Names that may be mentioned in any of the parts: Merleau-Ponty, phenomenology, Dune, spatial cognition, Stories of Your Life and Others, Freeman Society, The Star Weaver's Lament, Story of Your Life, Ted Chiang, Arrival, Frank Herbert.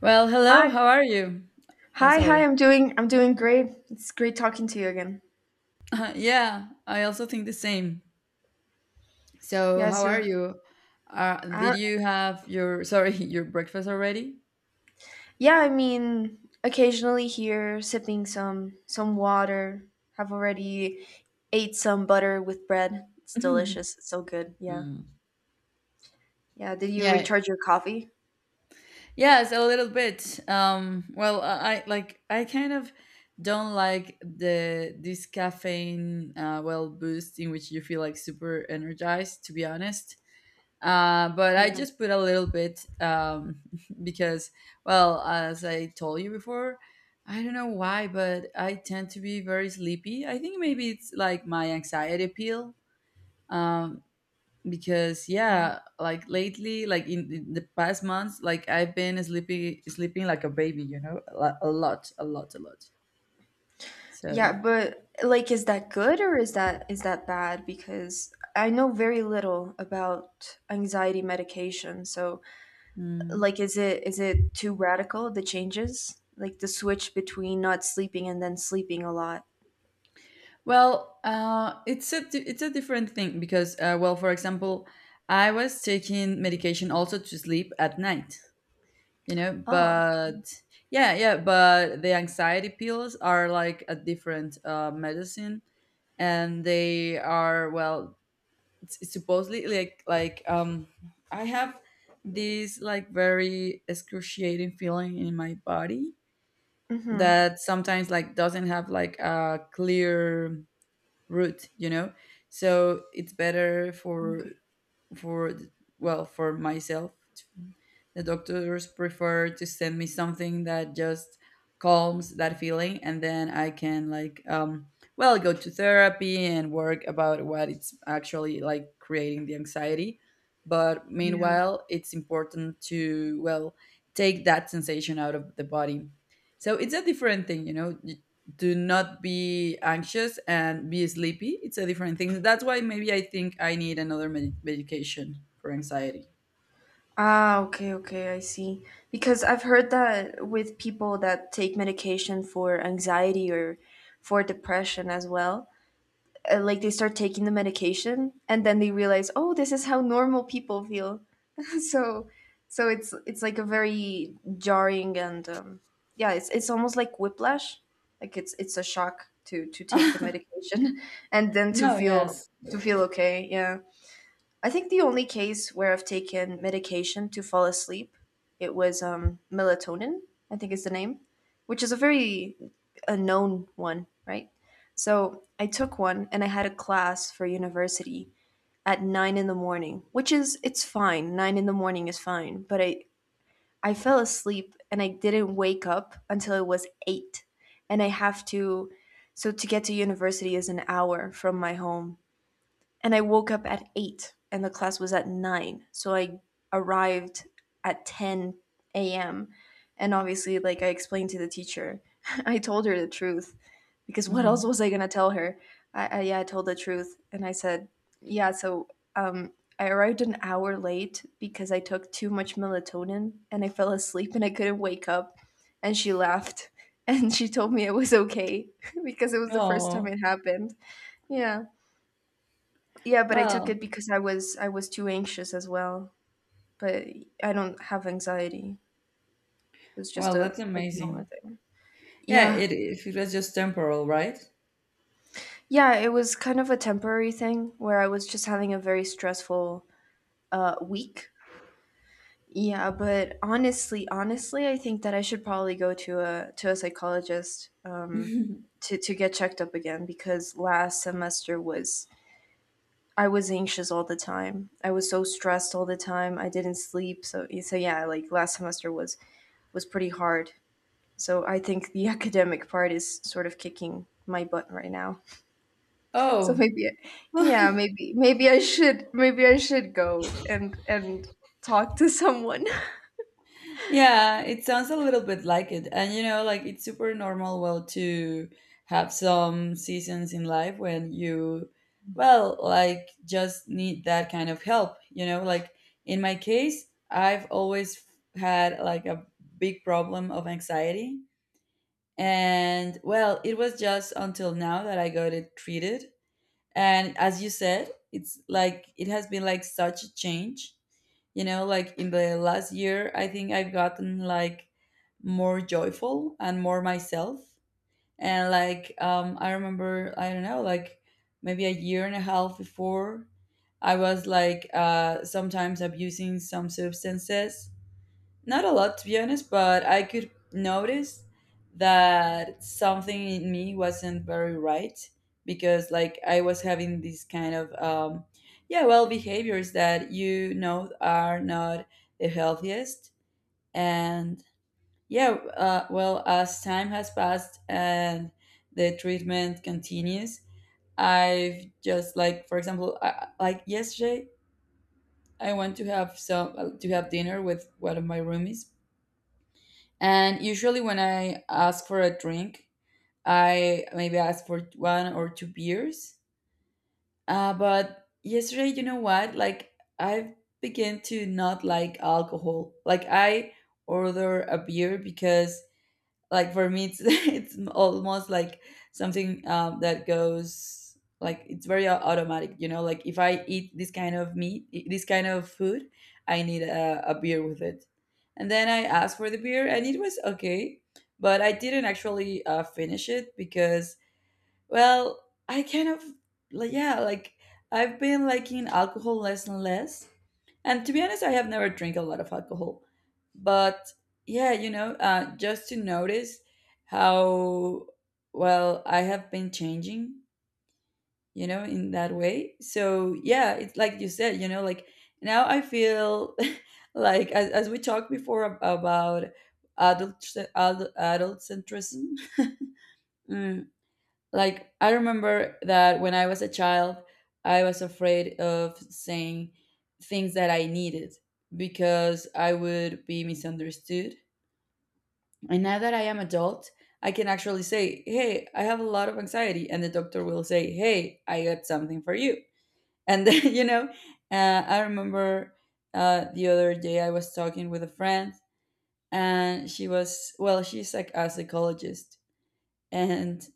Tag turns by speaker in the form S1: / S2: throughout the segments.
S1: Well, hello,
S2: Hi,
S1: how are you? Oh,
S2: hi, hi.
S1: sorry.
S2: I'm doing great. It's great talking to you again.
S1: Yeah, I also think the same. So,
S2: Yeah,
S1: how
S2: so
S1: are you?
S2: uh,
S1: Did you have your, sorry, your breakfast already?
S2: yeah, I mean, occasionally here sipping some water. Have already ate some butter with bread. It's delicious. It's so good. Yeah.
S1: Mm.
S2: Yeah, did you
S1: Yeah,
S2: recharge your coffee?
S1: yes, a little bit. Well, I kind of don't like the this caffeine, well, boost in which you feel like super energized. To be honest, but I
S2: Yeah.
S1: just put a little bit, because, well, as I told you before, I don't know why, but I tend to be very sleepy. I think maybe it's like my anxiety pill. Um, because yeah, like lately, like in the past months, like I've been sleeping like a baby. A lot, a lot, a lot. So.
S2: Yeah, but like is that good or is that bad, because I know very little about anxiety medication. So,
S1: Mm.
S2: like, is it too radical, the changes? Like the switch between not sleeping and then sleeping a lot.
S1: Well, it's a different thing because, well, for example, I was taking medication also to sleep at night, you know.
S2: Oh, okay.
S1: But Yeah, yeah, but the anxiety pills are like a different medicine, and they are, well, it's supposedly like, I have this like very excruciating feeling in my body
S2: Mm-hmm.
S1: that sometimes like doesn't have like a clear route, you know, so it's better for,
S2: Okay.
S1: for myself. The doctors prefer to send me something that just calms that feeling, and then I can like, well, go to therapy and work about what it's actually like creating the anxiety. But
S2: Yeah.
S1: meanwhile, it's important to, well, take that sensation out of the body. So it's a different thing. Do not be anxious and be sleepy. It's a different thing. That's why maybe I think I need another medication for anxiety.
S2: Ah, okay, okay, I see. Because I've heard that with people that take medication for anxiety or for depression as well, like they start taking the medication and then they realize, oh, this is how normal people feel. so so it's like a very jarring, and yeah, it's almost like whiplash. Like it's a shock to
S1: No.
S2: take the medication and then to feel
S1: Yes.
S2: to feel okay. Yeah. I think the only case where I've taken medication to fall asleep, it was melatonin, I think is the name, which is a very, a known one, right? So I took one and I had a class for university at nine in the morning, which is it's fine. Nine in the morning is fine, but I fell asleep and I didn't wake up until it was eight, and I have to. So to get to university is an hour from my home, and I woke up at eight, and the class was at nine. So I arrived at ten a.m. And obviously, like I explained to the teacher, I told her the truth, because what else
S1: Hmm.
S2: was I gonna tell her? I yeah, I told the truth, and I said, yeah. So um, I arrived an hour late because I took too much melatonin and I fell asleep and I couldn't wake up. And she laughed and she told me it was okay because it was the first time
S1: Oh,
S2: it happened. Yeah, yeah, but I took
S1: well.
S2: it because I was too anxious as well. But I don't have anxiety. It was just a
S1: That's
S2: like a
S1: amazing,
S2: moment thing.
S1: yeah.
S2: Yeah.
S1: If it was just temporal, right?
S2: Yeah, it was kind of a temporary thing where I was just having a very stressful week. Yeah, but honestly, honestly, I think that I should probably go to a psychologist, to get checked up again, because last semester was, I was anxious all the time. I was so stressed all the time. I didn't sleep. So yeah, like last semester was, pretty hard. So I think the academic part is sort of kicking my butt right now. So
S1: Oh.
S2: maybe, yeah, maybe I should go and talk to someone.
S1: Yeah, it sounds a little bit like it. And like it's super normal, well, to have some seasons in life when you, well, like, just need that kind of help. You know, like in my case, I've always had like a big problem of anxiety. And well, it was just until now that I got it treated, and as you said, it's like it has been like such a change, you know, like in the last year I think I've gotten like more joyful and more myself. And like, I remember, I don't know, like maybe a year and a half before, I was like, sometimes abusing some substances. Not a lot, to be honest, but I could notice that something in me wasn't very right because, like, I was having these kind of, yeah, well, behaviors that you know are not the healthiest. And yeah, well, as time has passed and the treatment continues, I've just like, for example, I, like yesterday, I went to have some to have dinner with one of my roomies. And usually when I ask for a drink, I maybe ask for one or two beers. But yesterday, you know what? Like, I began to not like alcohol. Like, I order a beer because, like, for me it's it's almost like something, that goes like, it's very automatic, you know, like if I eat this kind of this kind of food, I need a beer with it. And then I asked for the beer and it was okay, but I didn't actually finish it because, well, I kind of, like, yeah, like, I've been liking alcohol less and less. And to be honest, I have never drank a lot of alcohol. But yeah, you know, just to notice how, well, I have been changing, you know, in that way. So yeah, it's like you said, you know, like now I feel like, as we talked before about adult adult centrism. Mm, like I remember that when I was a child, I was afraid of saying things that I needed because I would be misunderstood. And now that I am adult, I can actually say, "Hey, I have a lot of anxiety," and the doctor will say, "Hey, I got something for you." And then, you know, I remember the other day I was talking with a friend, and she was, well, she's like a psychologist, and,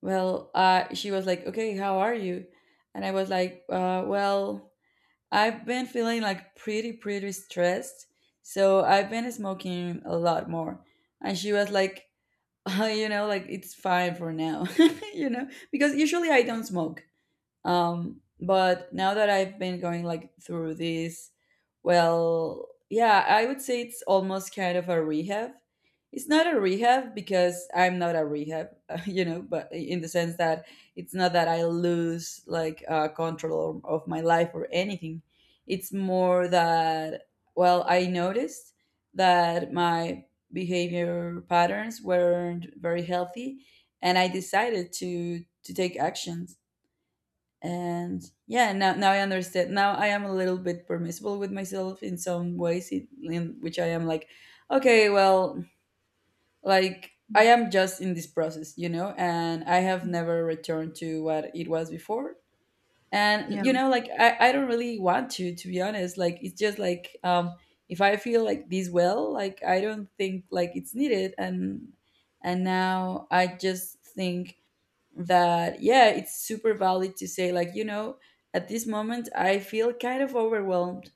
S1: well, she was like, "Okay, how are you?" And I was like, "Well, I've been feeling like pretty, pretty stressed, so I've been smoking a lot more." And she was like, you know, like it's fine for now, you know, because usually I don't smoke. But now that I've been going like through this, well, yeah, I would say it's almost kind of a rehab. It's not a rehab because I'm not a rehab, you know, but in the sense that it's not that I lose like control of my life or anything. It's more that, well, I noticed that my behavior patterns weren't very healthy, and I decided to take actions. And yeah, now I understand. Now I am a little bit permissible with myself in some ways, in which I am like, okay, well, like I am just in this process, you know, and I have never returned to what it was before.
S2: Yeah.
S1: And you know, like I don't really want to be honest, like it's just like, if I feel like this, well, like I don't think like it's needed. And now I just think that, yeah, it's super valid to say, like, you know, at this moment I feel kind of overwhelmed,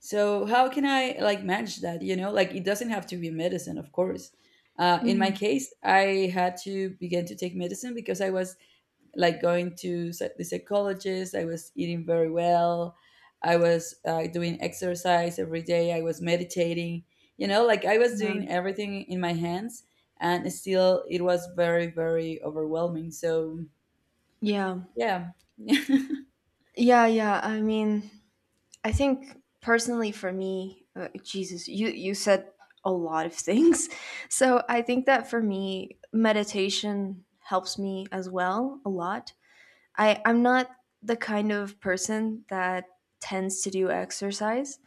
S1: so how can I, like, manage that? You know, like it doesn't have to be medicine, of course. In my
S2: Mhm.
S1: case, I had to begin to take medicine because I was like going to the psychologist, I was eating very well, I was doing exercise every day, I was meditating, you know, like I was doing everything in my hands, and still it was very, very overwhelming. So
S2: Yeah.
S1: yeah.
S2: Yeah, yeah. I mean, I think personally for me, Jesus, you said a lot of things. So, I think that for me, meditation helps me as well a lot. I'm not the kind of person that tends to do exercise,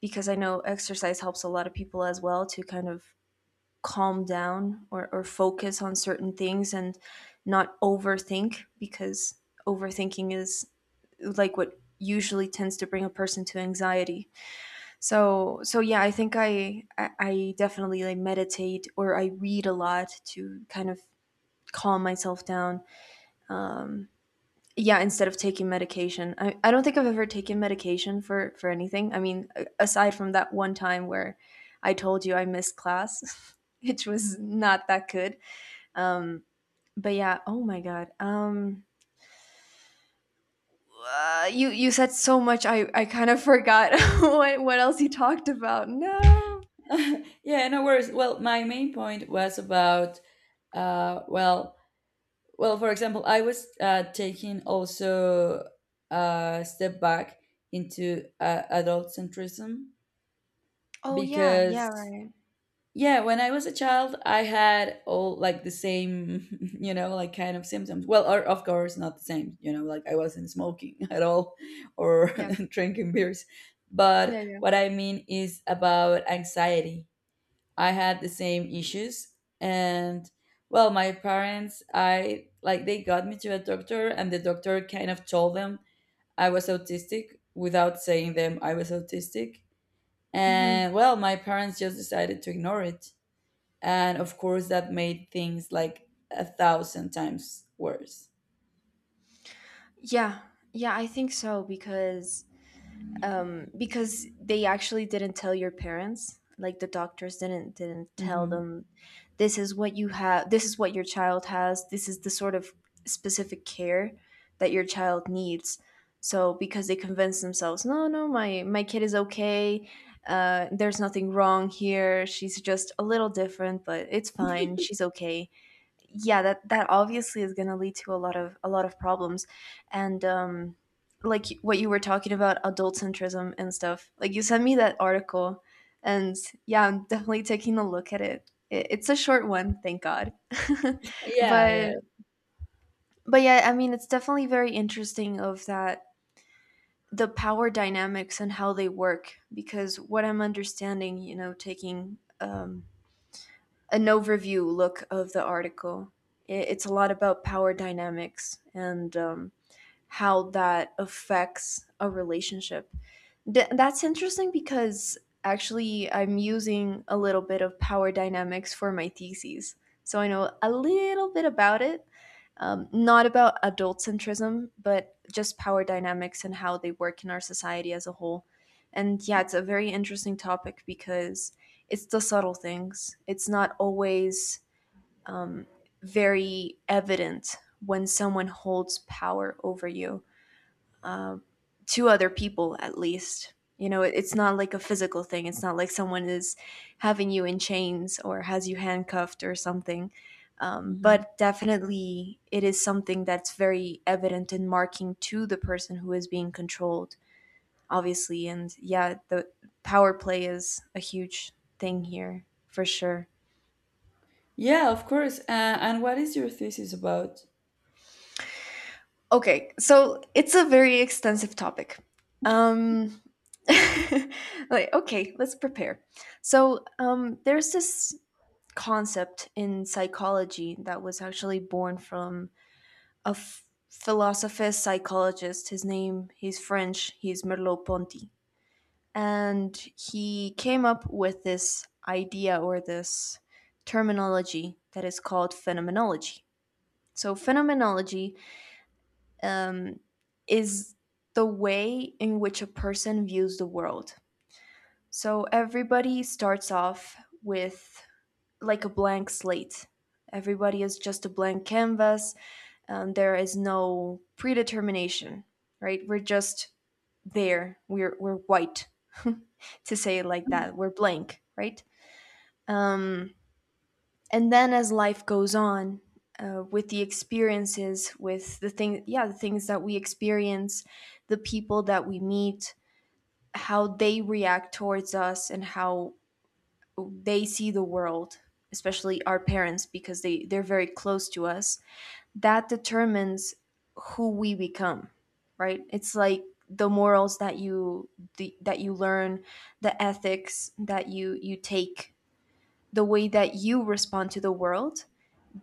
S2: because I know exercise helps a lot of people as well to kind of calm down, or focus on certain things, and not overthink, because overthinking is like what usually tends to bring a person to anxiety. So yeah, I think I definitely like meditate, or I read a lot to kind of calm myself down. Um, yeah, instead of taking medication, I don't think I've ever taken medication for anything. I mean, aside from that one time where I told you I missed class, which was not that good. Um, but yeah, oh my god. You said so much. I kind of forgot what else you talked about. No.
S1: Yeah, no worries. Well, my main point was about, well, well, for example, I was taking also a step back into, adult centrism
S2: Oh yeah, yeah,
S1: because
S2: right.
S1: yeah, when I was a child, I had all like the same, you know, like kind of symptoms. Well, or of course not the same, you know, like I wasn't smoking at all, or
S2: Yeah,
S1: drinking beers. But
S2: yeah, yeah.
S1: what I mean is about anxiety, I had the same issues. And well, my parents, I like they got me to a doctor, and the doctor kind of told them I was autistic without saying them I was autistic.
S2: Hmm.
S1: And well, my parents just decided to ignore it. And of course, that made things like a thousand times worse.
S2: Yeah, yeah. I think so, because they actually didn't tell your parents. Like, the doctors didn't tell
S1: Hmm.
S2: them, this is what you have, this is what your child has, this is the sort of specific care that your child needs. So because they convince themselves, no, no, my kid is okay. There's nothing wrong here, she's just a little different, but it's fine, she's okay. Yeah, that obviously is going to lead to a lot of, problems. And like what you were talking about, adult centrism and stuff, like you sent me that article, and yeah, I'm definitely taking a look at it. It's a short one, thank god.
S1: Yeah,
S2: but
S1: yeah.
S2: but yeah, I mean, it's definitely very interesting, of that, the power dynamics and how they work, because what I'm understanding, taking an overview look of the article. It's a lot about power dynamics and how that affects a relationship. That's interesting because actually I'm using a little bit of power dynamics for my thesis. So I know a little bit about it, not about adult centrism, but just power dynamics and how they work in our society as a whole. And yeah, it's a very interesting topic because it's the subtle things. It's not always um, very evident when someone holds power over you, uh, to other people at least, it's not like a physical thing. It's not like someone is having you in chains or has you handcuffed or something.
S1: Hmm.
S2: But definitely it is something that's very evident, in marking, to the person who is being controlled, obviously. And yeah, the power play is a huge thing here for sure.
S1: Yeah, of course. And what is your thesis about?
S2: Okay, so it's a very extensive topic. Um, like, okay, let's prepare. So, there's this concept in psychology that was actually born from a philosopher psychologist. His name, he's French, he's Merleau-Ponty, and he came up with this idea, or this terminology, that is called phenomenology. So, phenomenology um, is the way in which a person views the world. So everybody starts off with like a blank slate. Everybody is just a blank canvas, and there is no predetermination, right? We're just there. We're white, to say it like that. We're blank, right? Um, and then as life goes on, with the experiences, with the things that we experience, the people that we meet, how they react towards us, and how they see the world, especially our parents, because they're very close to us, that determines who we become, right? It's like the morals that you learn, the ethics that you take, the way that you respond to the world,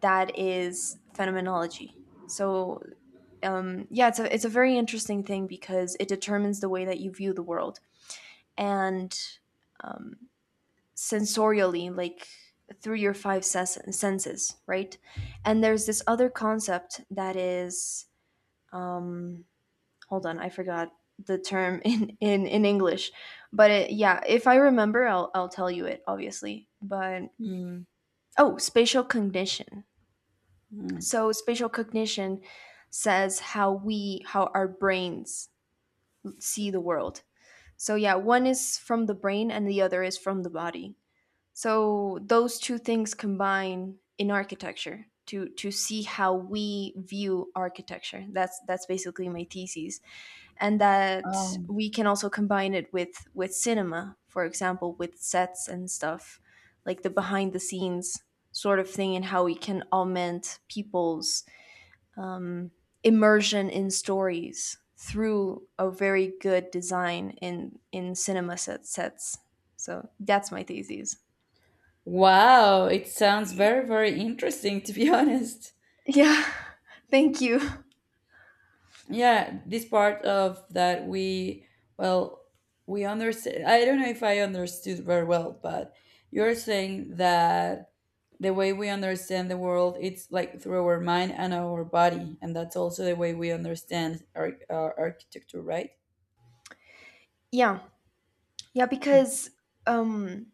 S2: that is phenomenology. So, yeah, it's a very interesting thing, because it determines the way that you view the world, and um, sensorially, like through your five senses, right? And there's this other concept that is, um, hold on, I forgot the term in English, but yeah, if I remember, I'll tell you it obviously. Oh, spatial cognition.
S1: Mhm.
S2: So spatial cognition says how our brains see the world. So yeah, one is from the brain and the other is from the body. So those two things combine in architecture to see how we view architecture. That's basically my thesis, and that
S1: Oh.
S2: we can also combine it with cinema, for example, with sets and stuff, like the behind the scenes sort of thing, and how we can augment people's um, immersion in stories through a very good design in cinema, sets. So that's my thesis.
S1: Wow, it sounds very, very interesting to be honest.
S2: Yeah. Thank you.
S1: Yeah, this part of that we, well, we understand. I don't know if I understood very well, but you're saying that the way we understand the world, it's like through our mind and our body, and that's also the way we understand our architecture, right?
S2: Yeah, yeah, because um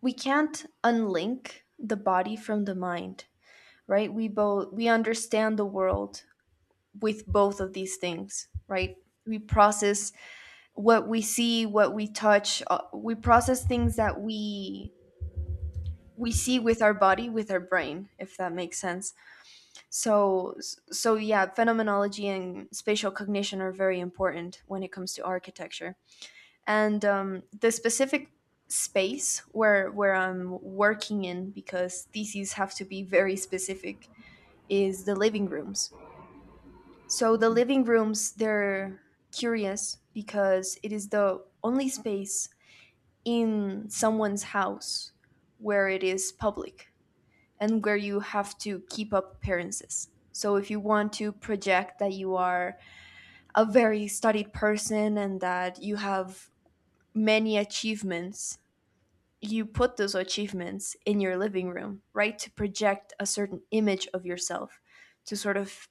S2: we can't unlink the body from the mind, right? We understand the world with both of these things, right? We process what we see, what we touch, we process things that we see with our body, with our brain, if that makes sense. So so yeah, phenomenology and spatial cognition are very important when it comes to architecture. And the specific space where I'm working in, because theses have to be very specific, is the living rooms. So the living rooms, they're curious because it is the only space in someone's house where it is public and where you have to keep up appearances. So if you want to project that you are a very studied person and that you have many achievements, you put those achievements in your living room, right? To project a certain image of yourself, to sort of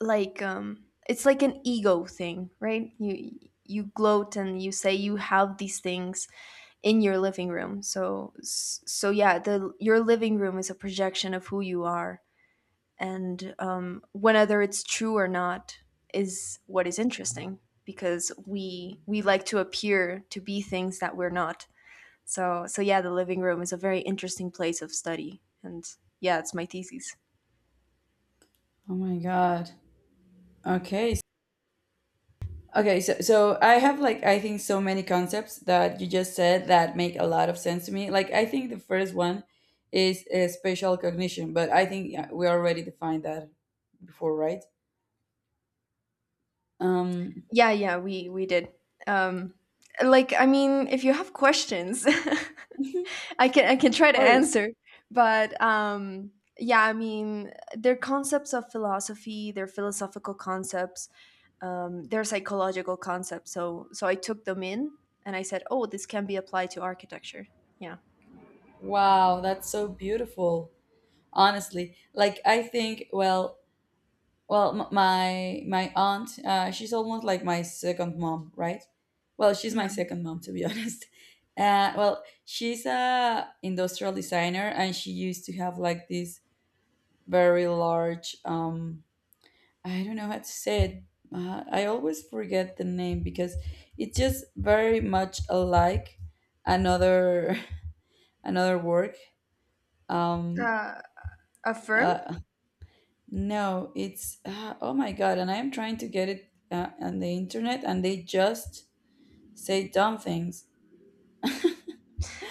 S2: like it's like an ego thing, right? You gloat and you say you have these things in your living room. So yeah, the your living room is a projection of who you are. And, whether it's true or not is what is interesting, because we like to appear to be things that we're not. So yeah, the living room is a very interesting place of study. And yeah, it's my thesis.
S1: Oh my God. Okay, okay, so so I have like, I think, so many concepts that you just said that make a lot of sense to me. Like, I think the first one is spatial cognition, but I think, yeah, we already defined that before, right? Um,
S2: Yeah, yeah, we did. Um, like, I mean, if you have questions, I can try to
S1: first,
S2: answer. But yeah, I mean, they're concepts of philosophy, they're philosophical concepts, they're psychological concepts. So I took them in and I said, oh, this can be applied to architecture. Yeah,
S1: wow, that's so beautiful. Honestly, like I think, well, well, my my aunt, she's almost like my second mom, right? Well, she's
S2: yeah.
S1: my second mom to be honest. Well, she's a industrial designer, and she used to have like this very large. I don't know how to say it. I always forget the name because it's just very much alike another another work. Um,
S2: Uh, a firm.
S1: uh, No, it's oh my god, and I am trying to get it on the internet, and they just say dumb things.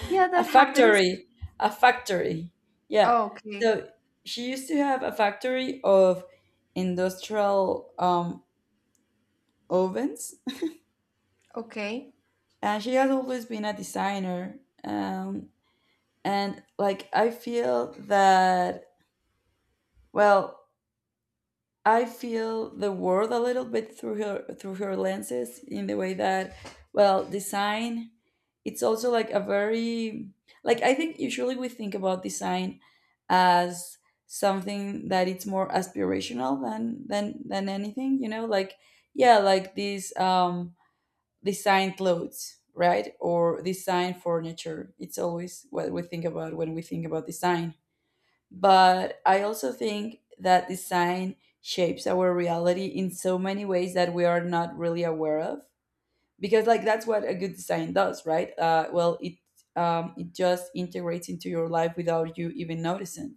S2: Yeah,
S1: A
S2: that happens.
S1: factory, a factory, yeah.
S2: Oh, okay,
S1: So she used to have a factory of industrial, ovens,
S2: okay.
S1: and she has always been a designer. Um, and like I feel that, well, I feel the world a little bit through her lenses, in the way that, well, design, it's also like a very, like I think usually we think about design as something that it's more aspirational than anything, you know, like yeah, like these design clothes, right? Or design furniture. It's always what we think about when we think about design. But I also think that design shapes our reality in so many ways that we are not really aware of, because like that's what a good design does, right? Well, it just integrates into your life without you even noticing.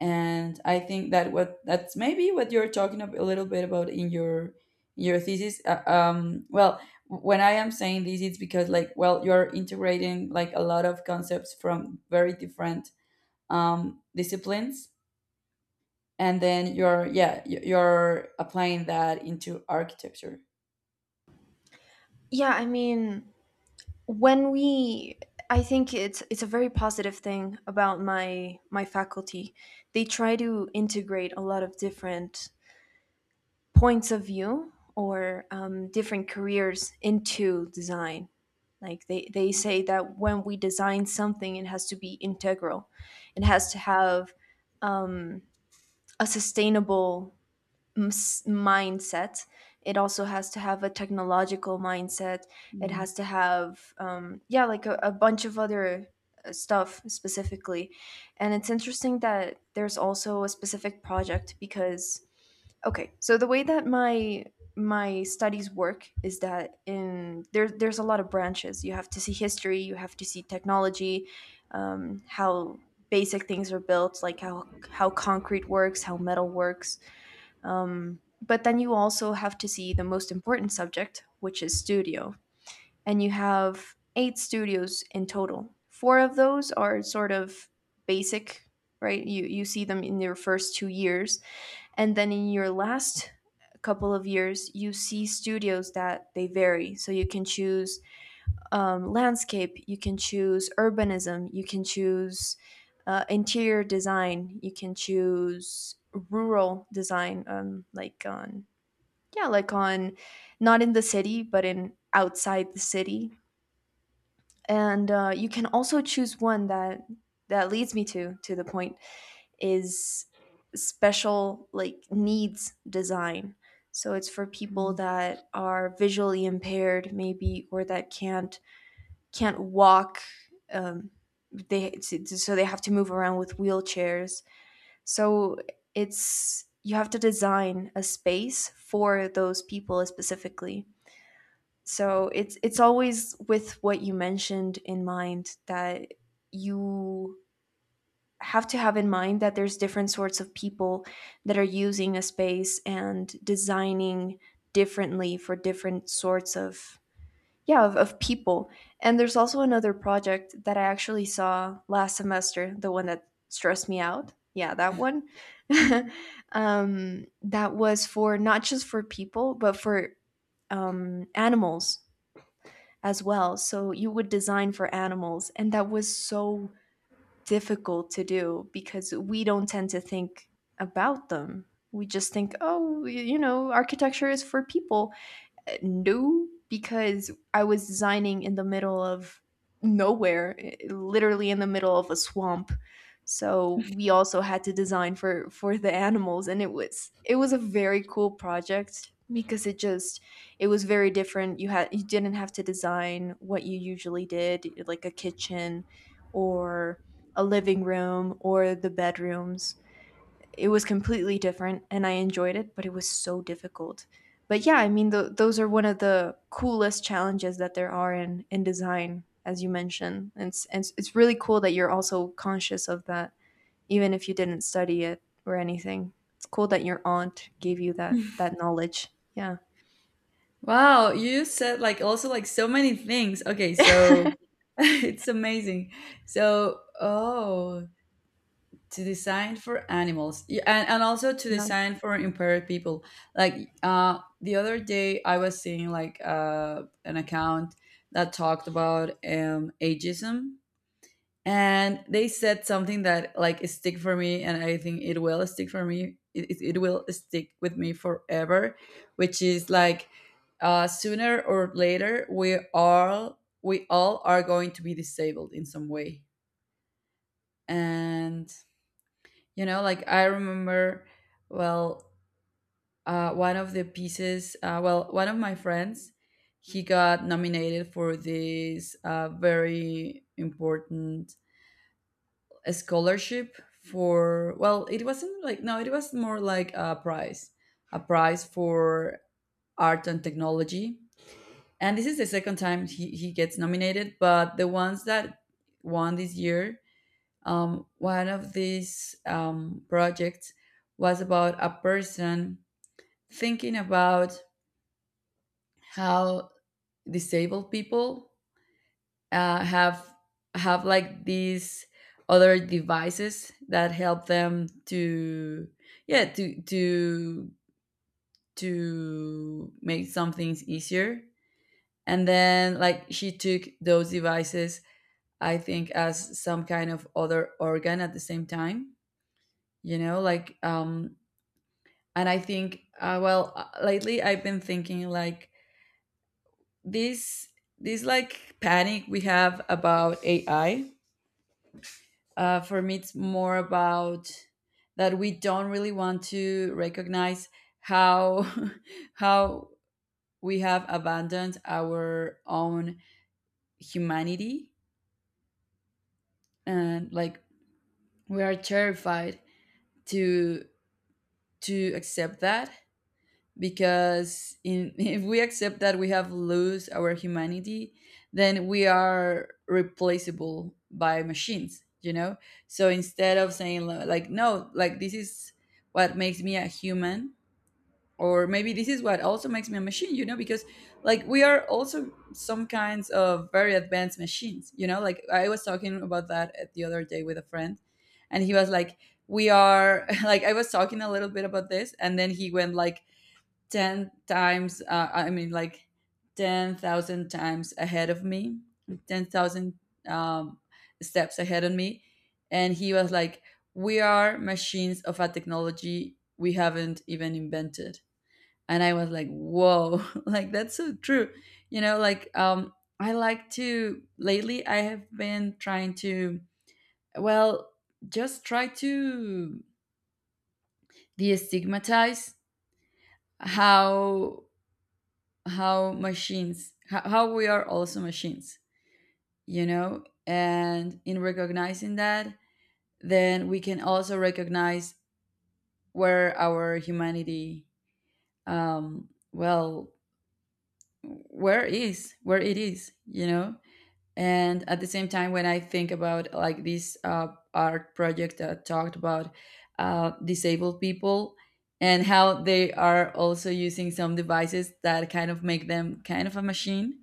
S1: And I think that what that's maybe what you're talking a little bit about in your thesis. Well, when I am saying this, it's because like, well, you're integrating like a lot of concepts from very different disciplines, and then you're, yeah, you're applying that into architecture.
S2: Yeah, I mean. When we I think it's a very positive thing about my faculty. They try to integrate a lot of different points of view, or different careers, into design. Like they say that when we design something, it has to be integral. It has to have um, a sustainable mindset. It also has to have a technological mindset. It
S1: Mhm.
S2: has to have yeah, like a bunch of other stuff specifically. And it's interesting that there's also a specific project, because okay, so the way that my studies work is that there's a lot of branches. You have to see history, you have to see technology, how basic things are built, like how concrete works, how metal works. But then you also have to see the most important subject, which is studio. And you have 8 studios in total. Four of those are sort of basic, right? You see them in your first 2 years. And then in your last couple of years, you see studios that they vary. So you can choose landscape, you can choose urbanism, you can choose interior design, you can choose rural design, like on yeah like on not in the city but in outside the city. And you can also choose one that— leads me to the point— is special like needs design. So it's for people that are visually impaired maybe, or that can't walk. um, they, so they have to move around with wheelchairs. So it's— you have to design a space for those people specifically. So it's always with what you mentioned in mind, that you have to have in mind that there's different sorts of people that are using a space, and designing differently for different sorts of— yeah, of people. And there's also another project that I actually saw last semester, the one that stressed me out, yeah, that one. That was for not just for people but for animals as well. So you would design for animals, and that was so difficult to do because we don't tend to think about them. We just think, oh, you know, architecture is for people. No, because I was designing in the middle of nowhere, literally in the middle of a swamp. So we also had to design for the animals, and it was a very cool project because it just— it was very different. You had— you didn't have to design what you usually did, like a kitchen, or a living room, or the bedrooms. It was completely different and I enjoyed it, but it was so difficult. But yeah, I mean, those are one of the coolest challenges that there are in design, as you mentioned. And it's really cool that you're also conscious of that, even if you didn't study it or anything. It's cool that your aunt gave you that knowledge. Yeah.
S1: Wow, you said like also like so many things. Okay, so it's amazing. So, oh, to design for animals. Yeah, and, also to
S2: Yeah.
S1: design for impaired people. Like the other day I was seeing like an account that talked about ageism, and they said something that like stick for me, and I think it will stick for me. It will stick with me forever. Which is like, sooner or later, we all are going to be disabled in some way. And you know, like I remember, well, one of the pieces, well, one of my friends, he got nominated for this very important, a scholarship for, well, it wasn't like, no, it was more like a prize for art and technology. And this is the second time he gets nominated. But the ones that won this year, one of these projects was about a person thinking about how disabled people uh, have have like these other devices that help them to, yeah, to make some things easier. And then, like, she took those devices, I think, as some kind of other organ at the same time, you know, like and I think, well, lately I've been thinking like this this, like, panic we have about AI. For me, it's more about that we don't really want to recognize how how we have abandoned our own humanity. And like, we are terrified to to accept that, because in, if we accept that we have lose our humanity, then we are replaceable by machines, you know. So instead of saying, like, no, like, this is what makes me a human, or maybe this is what also makes me a machine, you know, because like we are also some kinds of very advanced machines, you know. Like I was talking about that at the other day with a friend, and he was like, we are, like I was talking a little bit about this, and then he went like 10 times, I mean, like 10,000 times ahead of me. 10,000 um, steps ahead of me. And he was like, we are machines of a technology we haven't even invented. And I was like, whoa, like that's so true, you know. Like I like to, lately I have been trying to, well, just try to destigmatize how how we are also machines, you know. And in recognizing that, then we can also recognize where our humanity, um well where it is, you know. And at the same time, when I think about like this art project that talked about disabled people, and how they are also using some devices that kind of make them kind of a machine.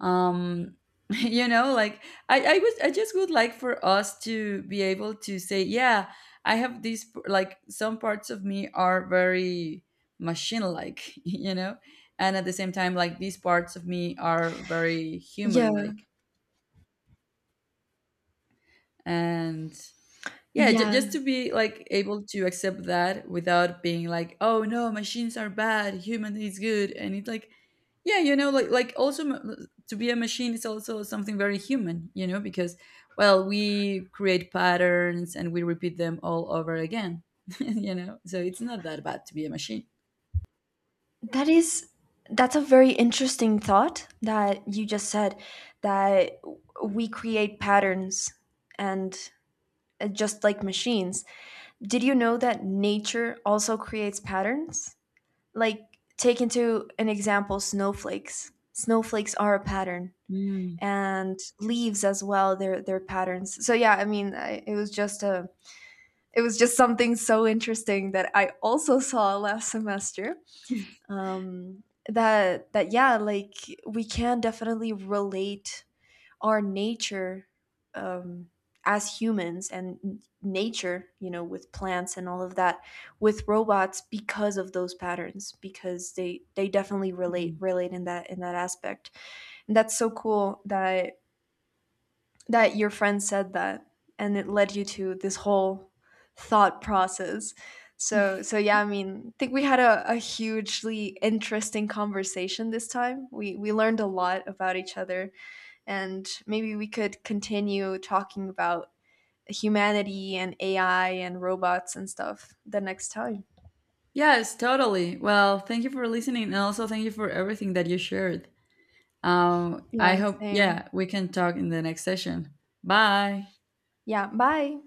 S1: um you know, like I just would like for us to be able to say, yeah, I have these like, some parts of me are very machine like, you know. And at the same time, like, these parts of me are very
S2: Yeah.
S1: human like. And yeah, just
S2: Yeah.
S1: to be like able to accept that without being like, oh no, machines are bad, human is good. And it's like, yeah, you know, like, also, to be a machine is also something very human, you know, because well, we create patterns and we repeat them all over again, you know, so it's not that bad to be a machine.
S2: That is, that's a very interesting thought that you just said, that we create patterns and just like machines. Did you know that nature also creates patterns? Like, take into an example snowflakes. Snowflakes are a pattern,
S1: Mm,
S2: and leaves as well. They're patterns. So yeah, I mean, it was just something so interesting that I also saw last semester. Um, that that yeah, like we can definitely relate our nature um, as humans and nature, you know, with plants and all of that, with robots, because of those patterns, because they definitely relate
S1: mm.
S2: relate in that aspect. And that's so cool that your friend said that, and it led you to this whole thought process. So yeah, I mean, I think we had a hugely interesting conversation this time. We learned a lot about each other, and maybe we could continue talking about humanity and AI and robots and stuff the next time.
S1: Yes, totally. Well, thank you for listening, and also thank you for everything that you shared.
S2: Yeah,
S1: I hope,
S2: same.
S1: yeah, we can talk in the next session. Bye.
S2: Yeah, bye.